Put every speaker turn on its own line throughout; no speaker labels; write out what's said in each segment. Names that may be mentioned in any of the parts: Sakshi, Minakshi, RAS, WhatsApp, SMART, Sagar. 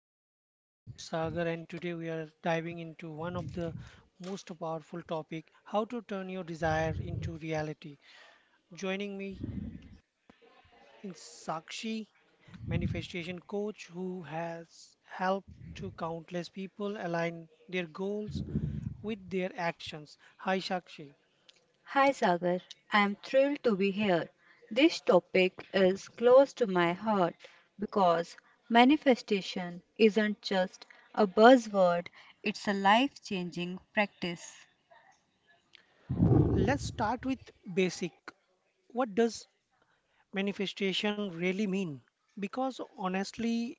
Desires. I am your host Sagar, and today we are diving into one of the most powerful topic, how to turn your desire into reality. Joining me is Sakshi, manifestation coach who has helped to countless people align their goals with their actions. Hi Sakshi.
Hi Sagar, I am thrilled to be here. This topic is close to my heart because manifestation isn't just a buzzword, it's a life changing practice.
Let's start with basic. What does manifestation really mean? Because honestly,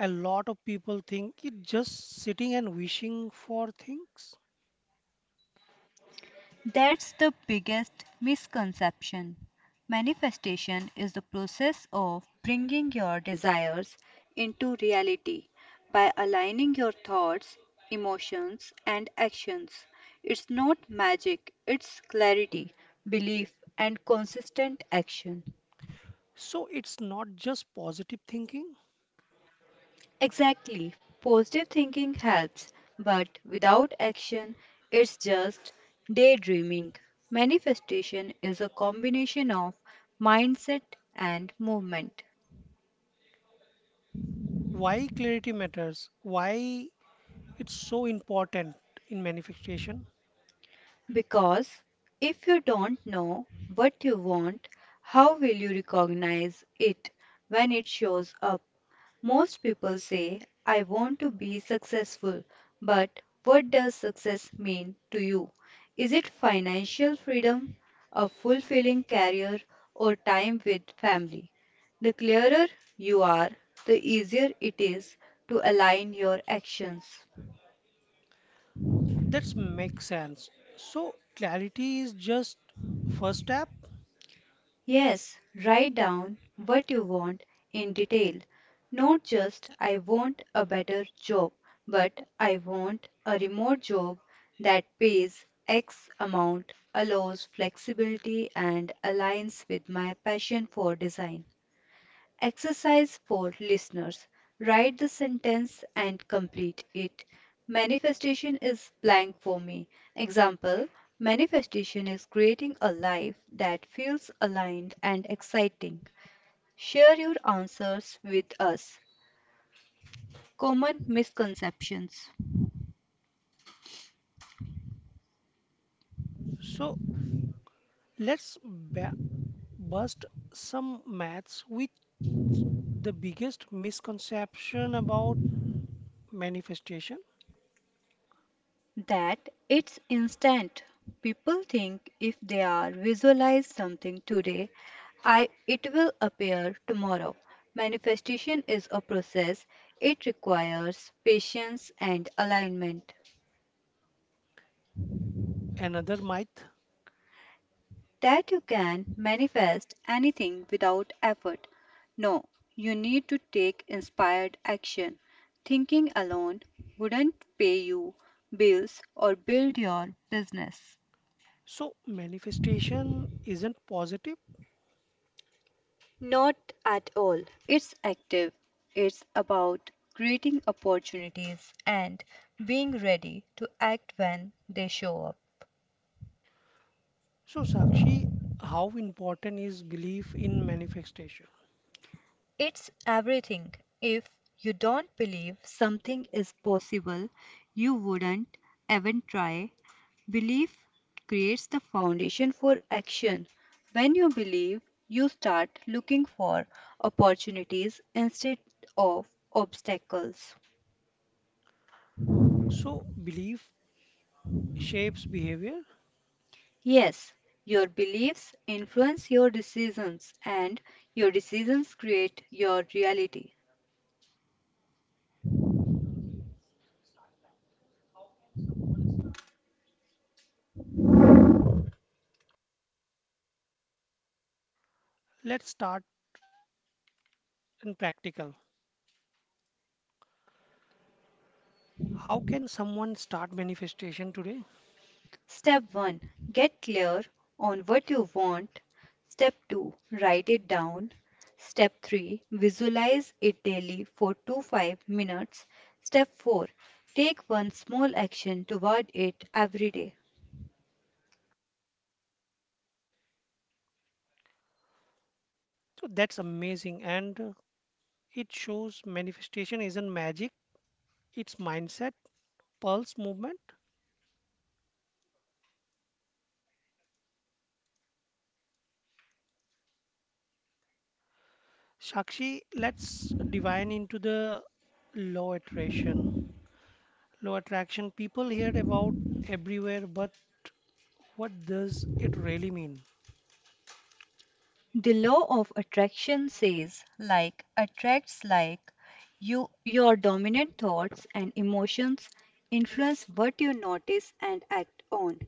a lot of people think it's just sitting and wishing for things.
That's the biggest misconception. Manifestation is the process of bringing your desires into reality by aligning your thoughts, emotions, and actions. It's not magic, it's clarity, belief, and consistent action.
So it's not just positive thinking.
Exactly. Positive thinking helps, but without action, it's just daydreaming. Manifestation is a combination of mindset and movement.
Why clarity matters, why it's so important in manifestation.
Because if you don't know what you want, how will you recognize it when it shows up? Most people say, I want to be successful, but what does success mean to you? Is it financial freedom, a fulfilling career, or time with family? The clearer you are, the easier it is to align your actions.
That makes sense. So clarity is just first step.
Yes, write down what you want in detail. Not just I want a better job, but I want a remote job that pays X amount, allows flexibility, and aligns with my passion for design. Exercise for listeners: write the sentence and complete it. Manifestation is blank for me. Example: Manifestation is creating a life that feels aligned and exciting. Share your answers with us. Common misconceptions:
So let's ba- bust some maths with the biggest misconception about manifestation.
that it's instant. People think if they are visualize something today, I it will appear tomorrow. Manifestation is a process. It requires patience and alignment.
Another myth.
That you can manifest anything without effort. No, you need to take inspired action. Thinking alone wouldn't pay you bills or build your business.
So manifestation isn't positive.
Not at all. It's active. It's about creating opportunities and being ready to act when they show up.
So, Sakshi, how important is belief in manifestation?
It's everything. If you don't believe something is possible, you wouldn't even try. Belief creates the foundation for action. When you believe, you start looking for opportunities instead of obstacles.
So, belief shapes behavior.
Yes, your beliefs influence your decisions, and your decisions create your reality.
Let's start in practical. How can someone start manifestation today?
Step 1. Get clear on what you want. Step 2. Write it down. Step 3. Visualize it daily for 2 5 minutes. Step 4. Take one small action toward it every day.
So, that's amazing. And it shows manifestation isn't magic, it's mindset, pulse movement. Sakshi, let's divine into the law attraction. Law attraction, people hear about everywhere, but what does it really mean?
The law of attraction says like attracts like, you your dominant thoughts and emotions influence what you notice and act on.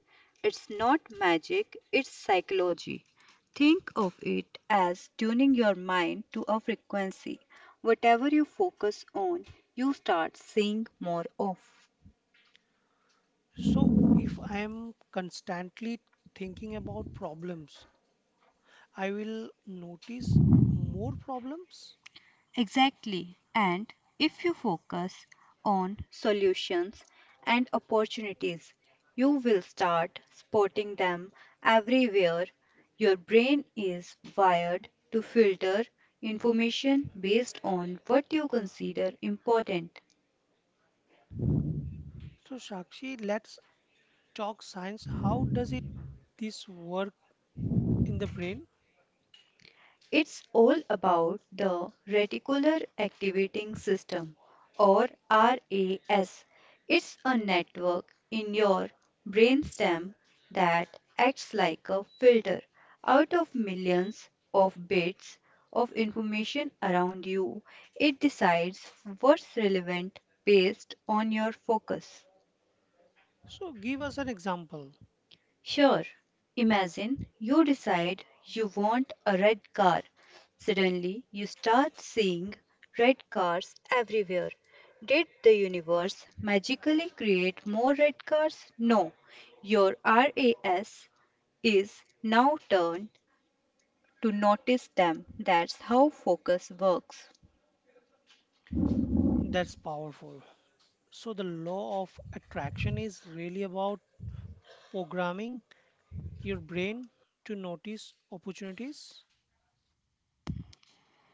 It's not magic, it's psychology. Think of it as tuning your mind to a frequency. Whatever you focus on, you start seeing more of.
So if I am constantly thinking about problems, I will notice more problems.
Exactly. And if you focus on solutions and opportunities, you will start spotting them everywhere. Your brain is wired to filter information based on what you consider important.
So Shakshi, let's talk science. How does it this work in the brain?
It's all about the reticular activating system, or RAS. It's a network in your brainstem that acts like a filter out of millions of bits of information around you. It decides what's relevant based on your focus.
So give us an example.
Sure. Imagine you decide you want a red car. Suddenly, you start seeing red cars everywhere. Did the universe magically create more red cars? No. Your RAS is now turned to notice them. That's how focus works.
That's powerful. So the law of attraction is really about programming your brain to notice opportunities.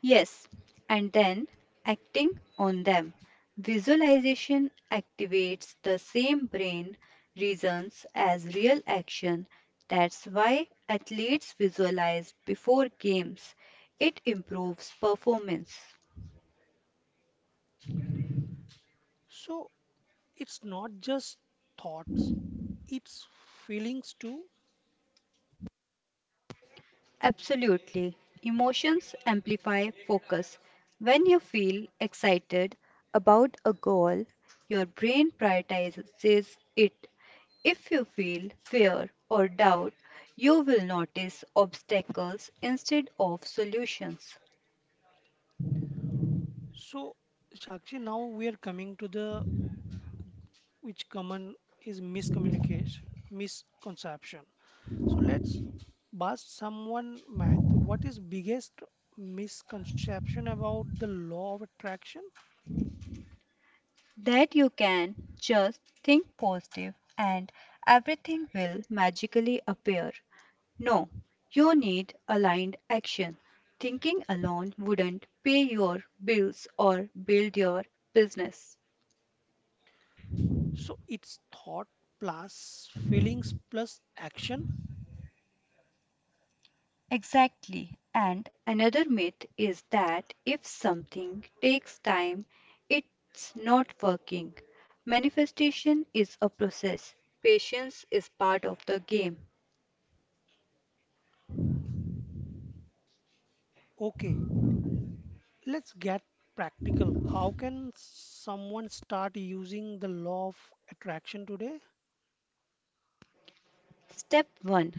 Yes, and then acting on them. Visualization activates the same brain regions as real action. That's why athletes visualize before games. It improves performance.
So it's not just thoughts, it's feelings too.
Absolutely. Emotions amplify focus. When you feel excited about a goal, your brain prioritizes it. If you feel fear or doubt, you will notice obstacles instead of solutions.
So, Sakshi, now we are coming to the which common is miscommunication, misconception. So let's bust someone math. What is biggest misconception about the law of attraction?
That you can just think positive and everything will magically appear. No, you need aligned action. Thinking alone wouldn't pay your bills or build your business.
So it's thought plus feelings plus action.
Exactly. And another myth is that if something takes time, it's not working. Manifestation is a process, patience is part of the game.
Okay, let's get practical. How can someone start using the law of attraction today?
Step 1.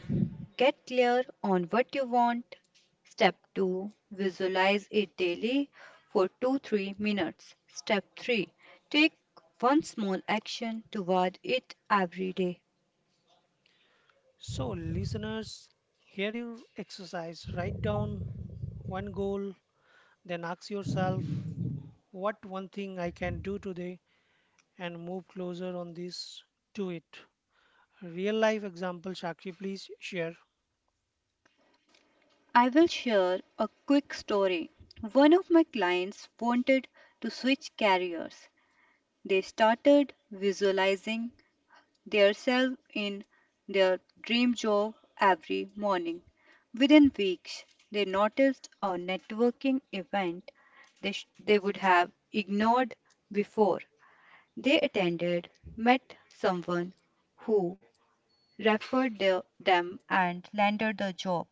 Get clear on what you want. Step 2. Visualize it daily for 2 3 minutes. Step 3. Take one small action toward it every day.
So, listeners, here your exercise. Write down one goal, then ask yourself, what one thing I can do today and move closer on this to it. Real life example, Shakshi, please share.
I will share a quick story. One of my clients wanted to switch careers. They started visualizing themselves in their dream job every morning. Within weeks, they noticed a networking event they would have ignored before. They attended, met someone who referred them and landed the job.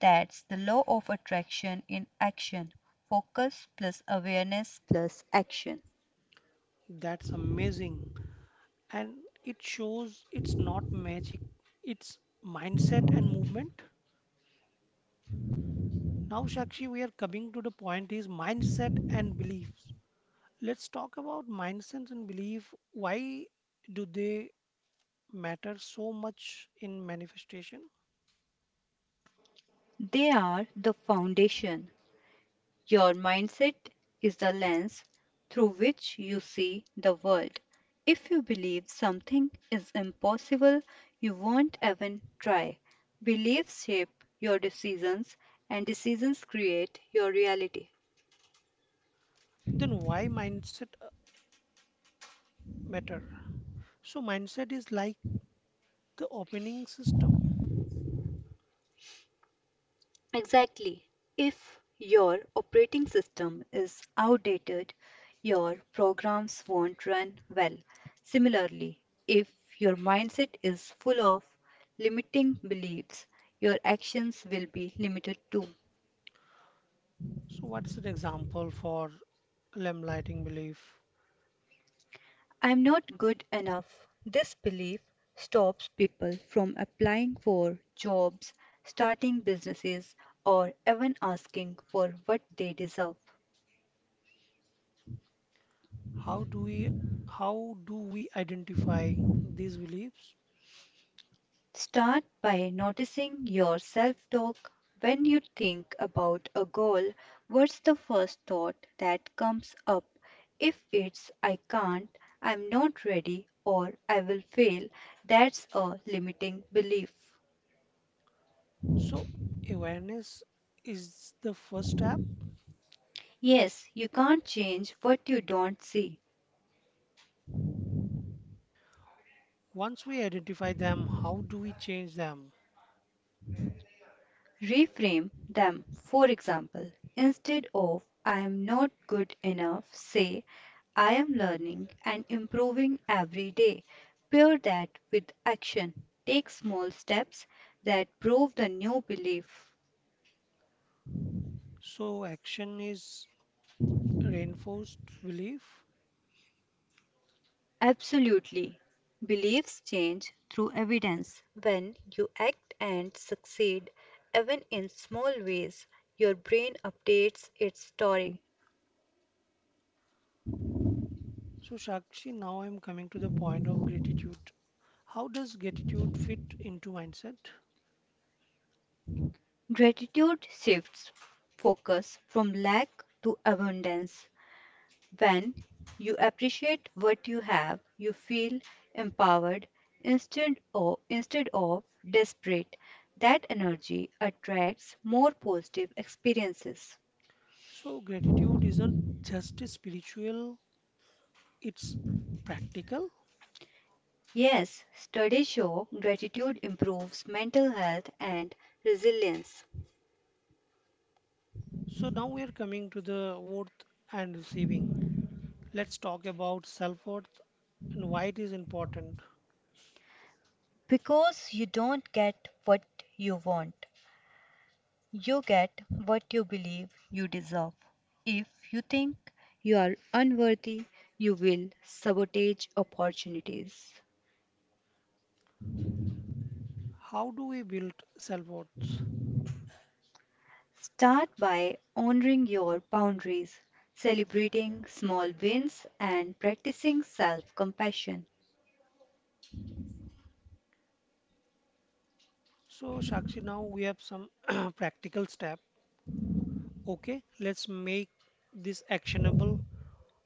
That's the law of attraction in action: focus plus awareness plus action.
That's amazing. And it shows it's not magic, it's mindset and movement. Now, Shakshi, we are coming to the point is mindset and beliefs. Let's talk about mindset and belief. Why do they matter so much in manifestation?
They are the foundation. Your mindset is the lens through which you see the world. If you believe something is impossible, you won't even try. Beliefs shape your decisions, and decisions create your reality.
Then why mindset matter? So mindset is like the opening system.
Exactly. If your operating system is outdated, your programs won't run well. Similarly, if your mindset is full of limiting beliefs, your actions will be limited too.
So what's an example for lamplighting belief?
I'm not good enough. This belief stops people from applying for jobs, starting businesses, or even asking for what they deserve.
How do we how do we identify these beliefs?
Start by noticing your self talk. When you think about a goal, what's the first thought that comes up? If it's I can't, I'm not ready, or I will fail, that's a limiting belief.
So awareness is the first step.
Yes, you can't change what you don't see.
Once we identify them, how do we change them?
Reframe them. For example, instead of I am not good enough, say I am learning and improving every day. Pair that with action. Take small steps that prove the new belief.
So action is reinforced belief.
Absolutely. Beliefs change through evidence. When you act and succeed, even in small ways, your brain updates its story.
So Shakshi, now I'm coming to the point of gratitude. How does gratitude fit into mindset?
Gratitude shifts focus from lack to abundance. When you appreciate what you have, you feel empowered instead of desperate. That energy attracts more positive experiences.
So, gratitude isn't just a spiritual, it's practical.
Yes, studies show gratitude improves mental health and resilience,
So, now we are coming to the worth and receiving. Let's talk about self worth and why it is important.
because you don't get what you want. You get what you believe you deserve. If you think you are unworthy, you will sabotage opportunities.
How do we build self worth?
Start by honoring your boundaries, celebrating small wins, and practicing self compassion.
So, Shakshi, now we have some practical step. Okay, let's make this actionable.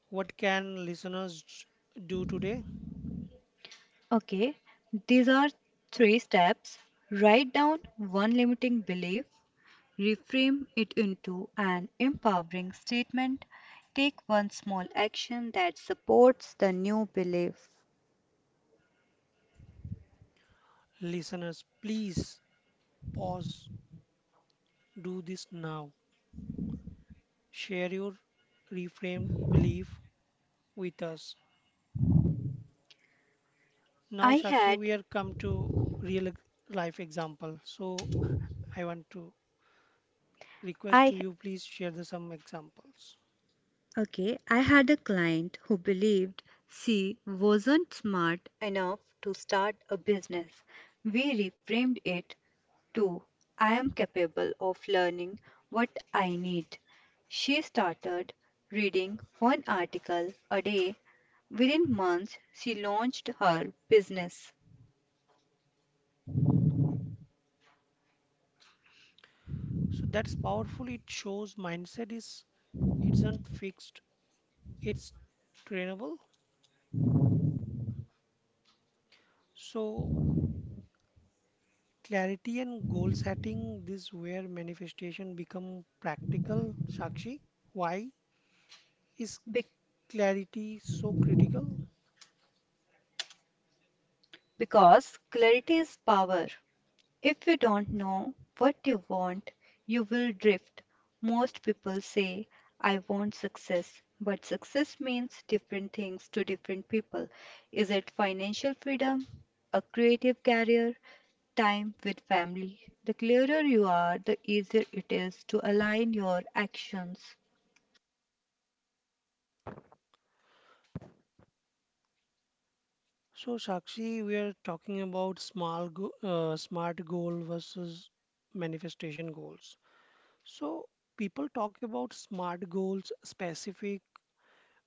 What can do today?
Okay, these are three steps. Write down one limiting belief, reframe it into an empowering statement. Take one small action that supports the new belief.
Listeners, please pause, do this now. Share your reframed belief with us. Now,
I
Shakshi,
had
we are come to real life example. So I want to request
I
to you, please share the, some examples.
okay, I had a client who believed she wasn't smart enough to start a business. We reframed it: Two, I am capable of learning what I need. She started reading one article a day. Within months, she launched her business.
So that's powerful. It shows mindset is isn't fixed. It's trainable. So clarity and goal setting. This where manifestation become practical. Shakshi, why is
Be-
clarity so critical?
because clarity is power. If you don't know what you want, you will drift. Most people say, I want success, but success means different things to different people. Is it financial freedom, a creative career, time with family? The clearer you are, the easier it is to align your actions.
So, Sakshi, we are talking about small go smart goal versus manifestation goals. So, people talk about smart goals, specific,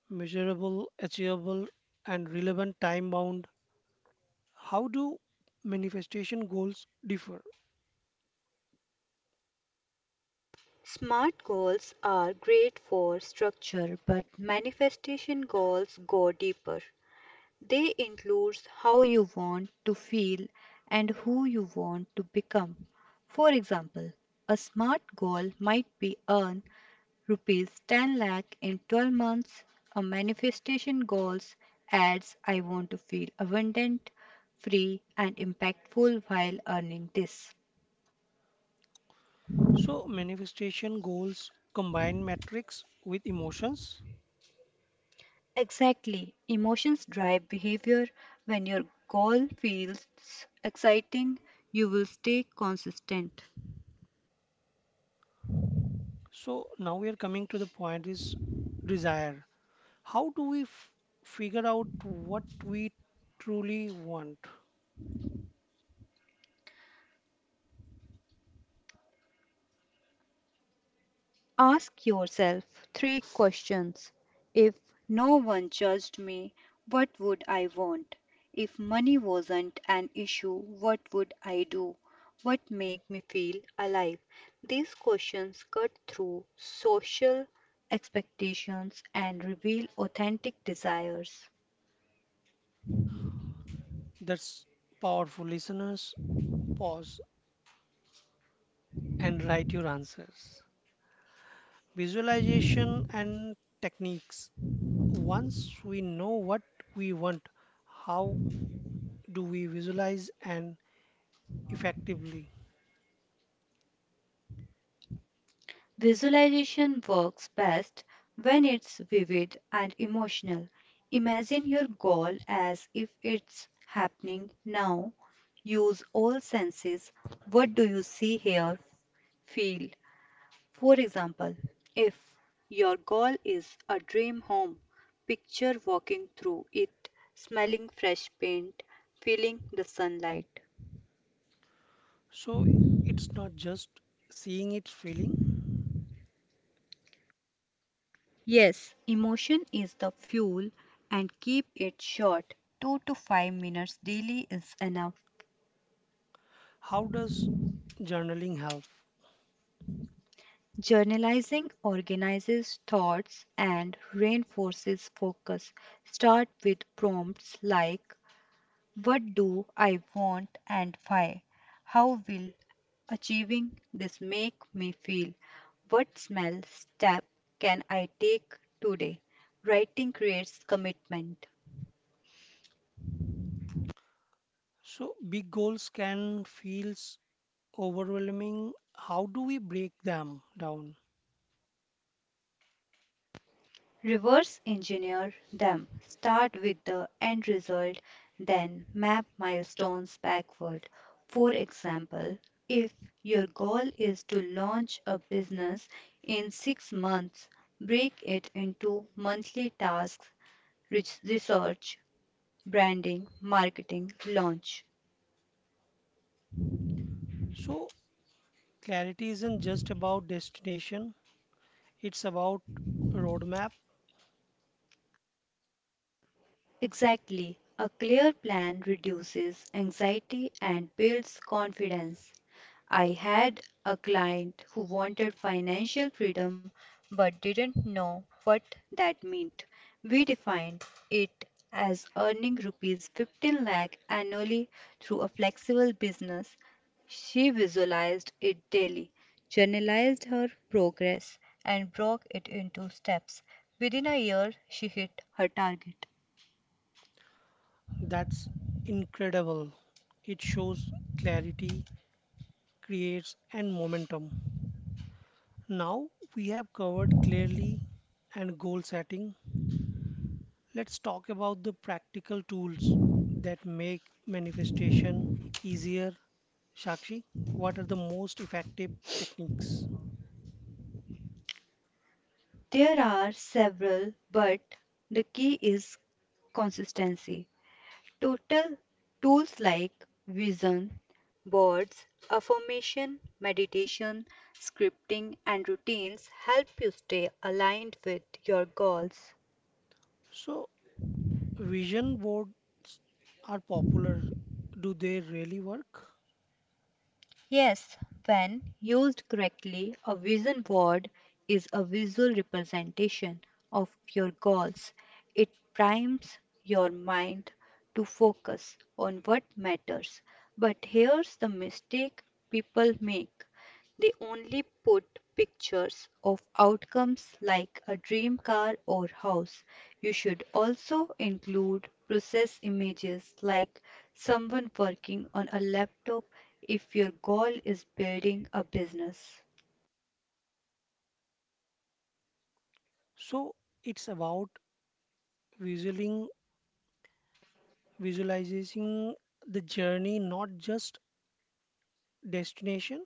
measurable, achievable, and relevant time bound. How do manifestation goals differ?
Smart goals are great for structure, but manifestation goals go deeper. They include how you want to feel and who you want to become. For example, a SMART goal might be earn rupees 10 lakh in 12 months; a manifestation goals adds I want to feel abundant, free and impactful while earning this.
So, manifestation goals combine metrics with emotions.
Exactly, emotions drive behavior. When your goal feels exciting, you will stay consistent.
So, now we are coming to the point is desire. How do we f figure out what we truly want?
Ask yourself three questions. If no one judged me, what would I want? If money wasn't an issue, what would I do? What make me feel alive? These questions cut through social expectations and reveal authentic desires.
That's powerful. Listeners, pause and write your answers. Visualization and techniques. Once we know what we want, how do we visualize and effectively?
Visualization works best when it's vivid and emotional. Imagine your goal as if it's happening now. Use all senses. What do you see, hear, feel? For example, if your goal is a dream home, picture walking through it, smelling fresh paint, feeling the sunlight.
So it's not just seeing it, feeling.
Yes, emotion is the fuel, and keep it short. 2 to 5 minutes daily is enough.
How does journaling help?
Journalizing organizes thoughts and reinforces focus. Start with prompts like: what do I want and why? How will achieving this make me feel? What small step can I take today? Writing creates commitment.
So big goals can feel overwhelming. How do we break them down?
Reverse engineer them. Start with the end result, then map milestones backward. For example, if your goal is to launch a business in 6 months, break it into monthly tasks: Research, branding, marketing, launch.
So clarity isn't just about destination, it's about roadmap.
Exactly. A clear plan reduces anxiety and builds confidence. I had a client who wanted financial freedom but didn't know what that meant. We defined it as earning rupees 15 lakh annually through a flexible business. She visualized it daily, journalized her progress, and broke it into steps. Within a year, she hit her target.
That's incredible. It shows clarity creates and momentum. Now we have covered clearly and goal setting. Let's talk about the practical tools that make manifestation easier. Shakshi, what are the most effective techniques?
There are several, but the key is consistency. Total tools like vision boards, affirmation, meditation, scripting, and routines help you stay aligned with your goals.
So vision boards are popular. Do they really work?
Yes, when used correctly, a vision board is a visual representation of your goals. It primes your mind to focus on what matters. But here's the mistake people make: they only put pictures of outcomes like a dream car or house. You should also include process images, like someone working on a laptop if your goal is building a business.
So it's about visualizing visualizing the journey, not just destination.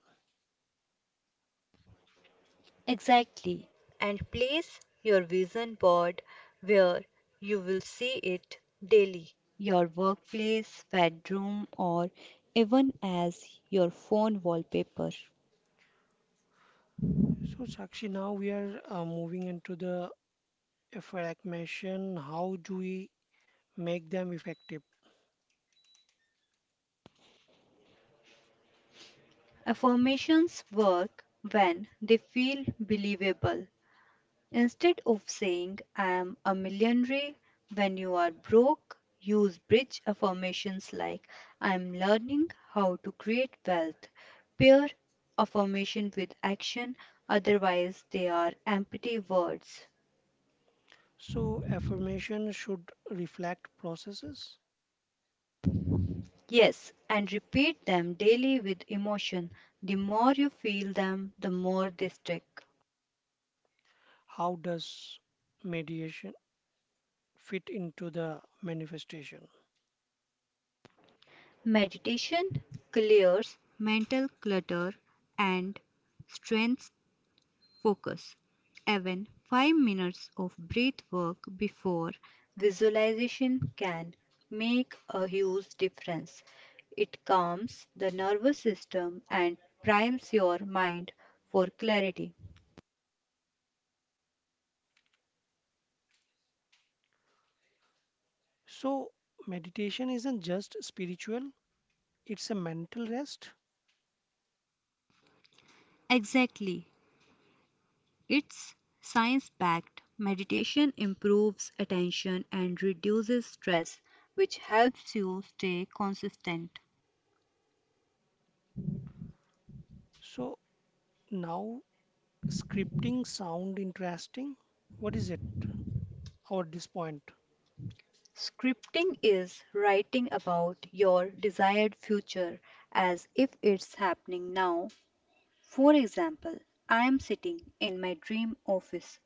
Exactly. And place your vision board where you will see it daily: your workplace, bedroom, or even as your phone wallpaper.
So, Sakshi, now we are moving into the affirmation. How do we make them effective?
Affirmations work when they feel believable. Instead of saying, I am a millionaire, when you are broke, use bridge affirmations like, I am learning how to create wealth. Pair affirmation with action, otherwise, they are empty words.
So, affirmation should reflect processes.
Yes, and repeat them daily with emotion. The more you feel them, the more they stick.
How does meditation fit into the manifestation?
Meditation clears mental clutter and strengthens focus. Even 5 minutes of breath work before visualization can make a huge difference. It calms the nervous system and primes your mind for clarity.
So, meditation isn't just spiritual, it's a mental rest.
Exactly. It's science backed. Meditation improves attention and reduces stress, which helps you stay consistent.
So, now scripting sound interesting. What is it? Our this point.
Scripting is writing about your desired future as if it's happening now. For example, I am sitting in my dream office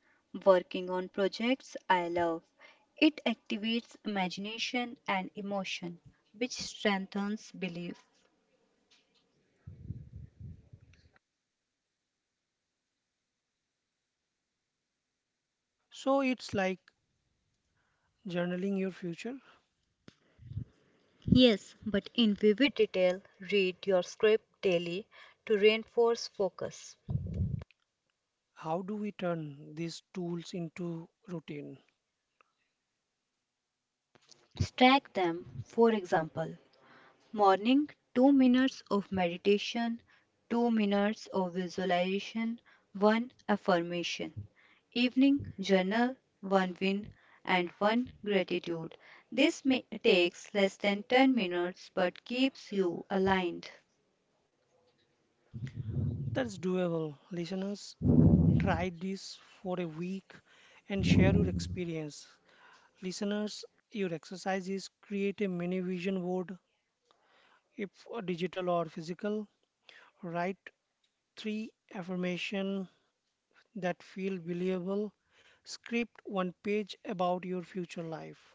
working on projects I love. It activates imagination and emotion, which strengthens belief.
So it's like journaling your future.
Yes, but in vivid detail, read your script daily to reinforce focus.
How do we turn these tools into routine?
Stack them, for example, morning, 2 minutes of meditation, 2 minutes of visualization, 1 affirmation. Evening, journal, 1 win, and 1 gratitude. This ma- Takes less than 10 minutes but keeps you aligned.
That's doable. Listeners, try this for a week and share your experience. Listeners, your exercise is create a mini vision board, if digital or physical. Write three affirmation that feel believable. Script one page about your future life.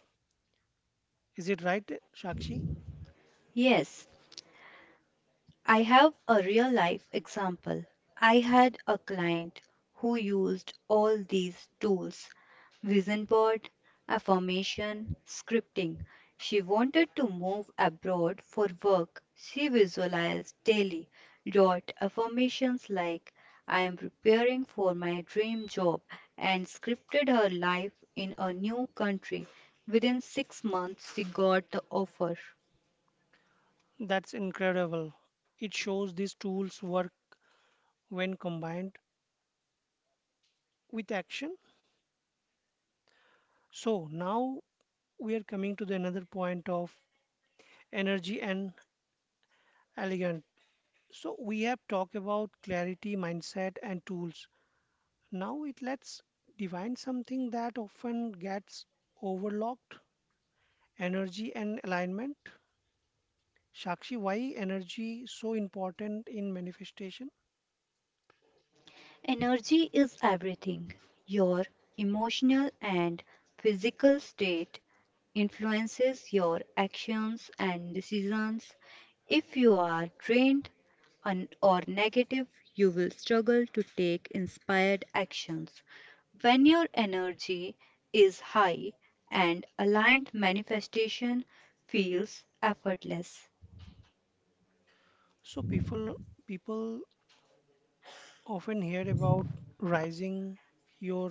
Is it right, Shakshi?
Yes, I have a real life example. I had a client who used all these tools: vision board, affirmation, scripting. She wanted to move abroad for work. She visualized daily, wrote affirmations like, I am preparing for my dream job, and scripted her life in a new country. Within 6 months, she got the offer.
That's incredible. It shows these tools work when combined with action. So now we are coming to the another point of energy and elegant. So we have talked about clarity, mindset, and tools. Now it let's define something that often gets overlooked: energy and alignment. Shakshi, why energy so important in manifestation?
Energy is everything. Your emotional and physical state influences your actions and decisions. If you are drained or negative, you will struggle to take inspired actions. When your energy is high and aligned, manifestation feels effortless.
So people often hear about rising your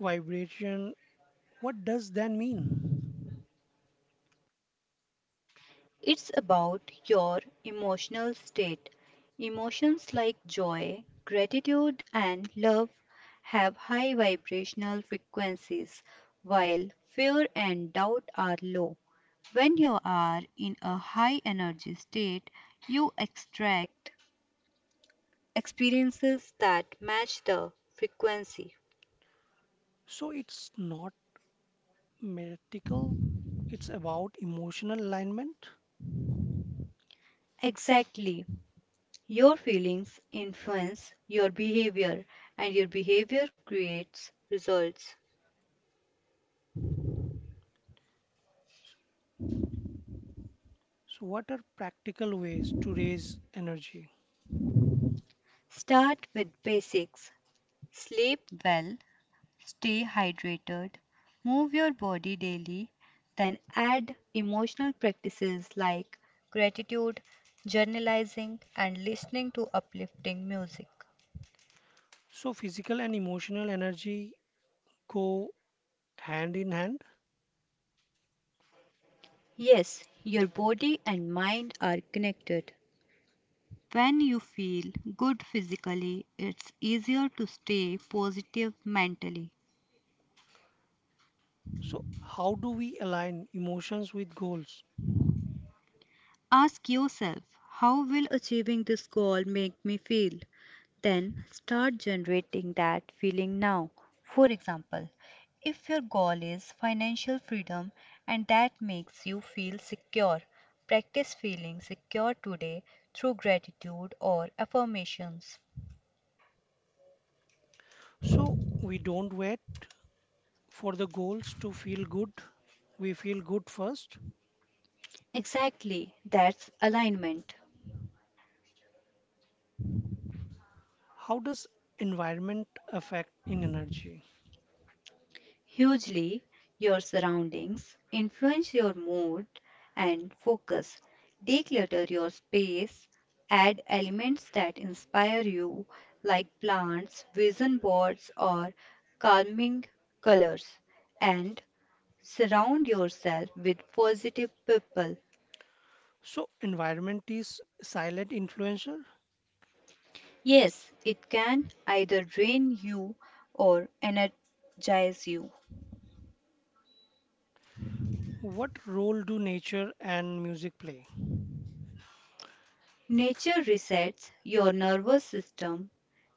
vibration, what does that mean?
It's about your emotional state. Emotions like joy, gratitude, and love have high vibrational frequencies, while fear and doubt are low. When you are in a high energy state, you extract experiences that match the frequency.
So it's not mystical, it's about emotional alignment.
Exactly. Your feelings influence your behavior, and your behavior creates results.
So, what are practical ways to raise energy?
Start with basics. Sleep well, stay hydrated, move your body daily, then add emotional practices like gratitude, journalizing, and listening to uplifting music.
So, physical and emotional energy go hand in hand.
Yes, your body and mind are connected. When you feel good physically, it's easier to stay positive mentally.
So, how do we align emotions with goals?
Ask yourself, how will achieving this goal make me feel? Then start generating that feeling now. For example, if your goal is financial freedom and that makes you feel secure, practice feeling secure today through gratitude or affirmations.
So, we don't wait for the goals to feel good, we feel good first.
Exactly, that's alignment.
How does environment affect in energy?
Hugely, your surroundings influence your mood and focus. Declutter your space, add elements that inspire you, like plants, vision boards, or calming colors, and surround yourself with positive people.
So, environment is silent influencer.
Yes, it can either drain you or energize you.
What role do nature and music play?
Nature resets your nervous system.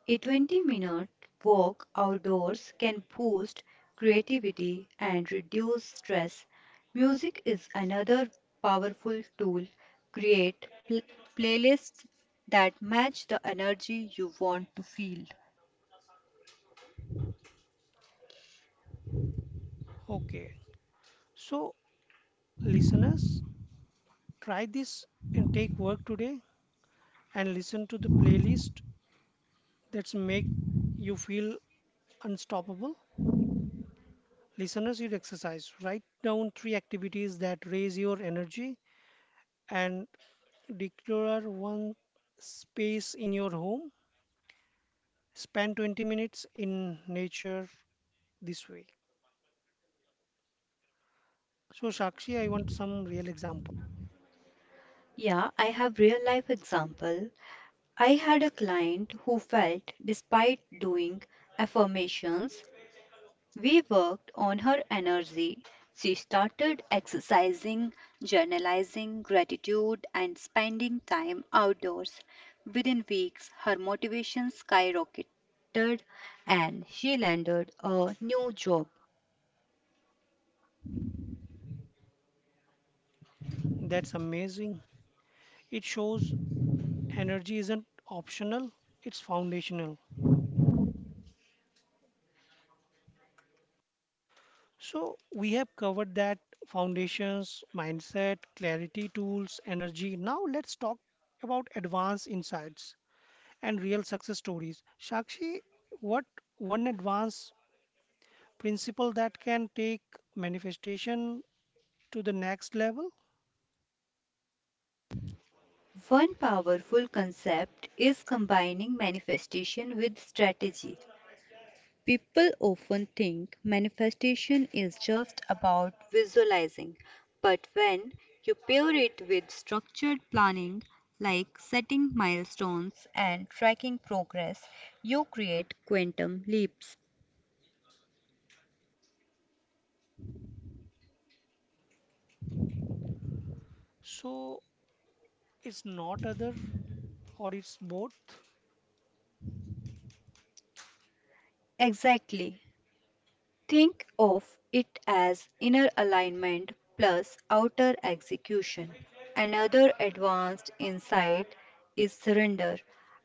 A 20-minute minute walk outdoors can boost creativity and reduce stress. Music is another powerful tool. Create pl- playlists that match the energy you want to feel.
Okay, so listeners, try this and take work today and listen to the playlist that's make you feel unstoppable. Listeners, you exercise. Write down three activities that raise your energy and declare one space in your home. Spend 20 minutes in nature this way. So, Shakshi, I want some real examples.
Yeah, I have real life example. I had a client who felt despite doing affirmations. We worked on her energy. She started exercising, journalizing gratitude, and spending time outdoors. Within weeks, her motivation skyrocketed and she landed a new job.
That's amazing. It shows energy isn't optional, it's foundational. So, we have covered that foundations, mindset, clarity tools, energy. Now, let's talk about advanced insights and real success stories. Shakshi, what one advanced principle that can take manifestation to the next level?
One powerful concept is combining manifestation with strategy. People often think manifestation is just about visualizing, but when you pair it with structured planning, like setting milestones and tracking progress, you create quantum leaps.
So, it's not other or it's both.
Exactly. Think of it as inner alignment plus outer execution. Another advanced insight is surrender.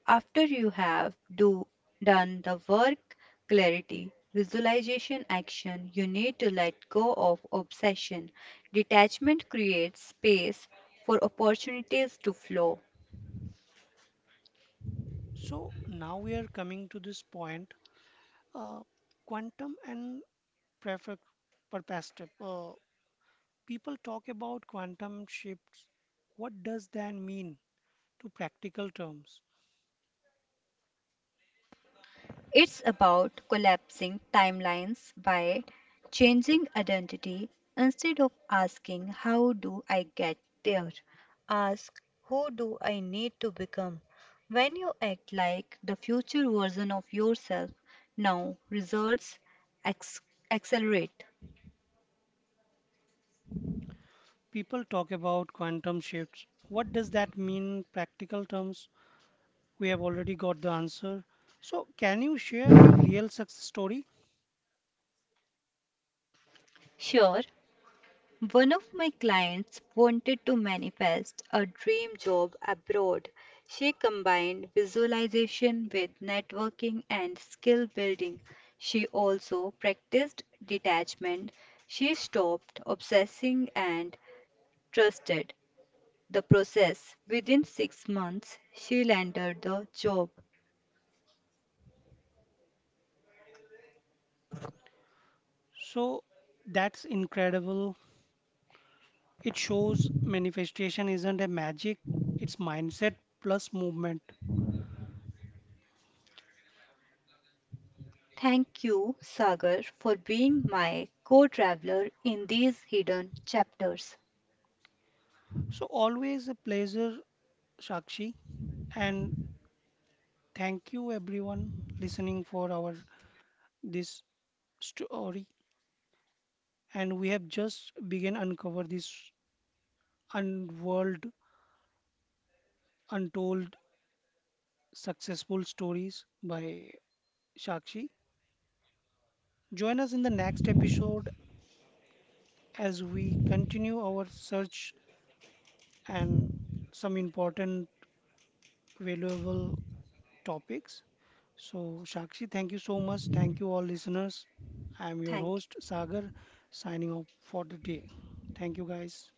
After you have do, done the work, clarity, visualization, action, you need to let go of obsession. Detachment creates space for opportunities to flow.
So, now we are coming to this point. Uh, Quantum and perfect perspective. People talk about quantum shifts. What does that mean to practical terms?
It's about collapsing timelines by changing identity. Instead of asking, how do I get there? Ask, who do I need to become? When you act like the future version of yourself now, results ex- accelerate.
People talk about quantum shifts. What does that mean in practical terms? We have already got the answer. So, can you share your real success story?
Sure. One of my clients wanted to manifest a dream job abroad. She combined visualization with networking and skill building. She also practiced detachment. She stopped obsessing and trusted the process. Within 6 months, she landed the job.
So, that's incredible. It shows manifestation isn't a magic, it's mindset plus movement.
Thank you, Sagar, for being my co traveler in these hidden chapters.
So, always a pleasure, Shakshi. And thank you everyone listening for our this story, and we have just begun uncover this unworld untold successful stories by Shakshi. Join us in the next episode as we continue our search and some important valuable topics. So Shakshi, thank you so much. Thank you all listeners. I am your
Thank
host
you.
Sagar, signing off for the day. Thank you guys.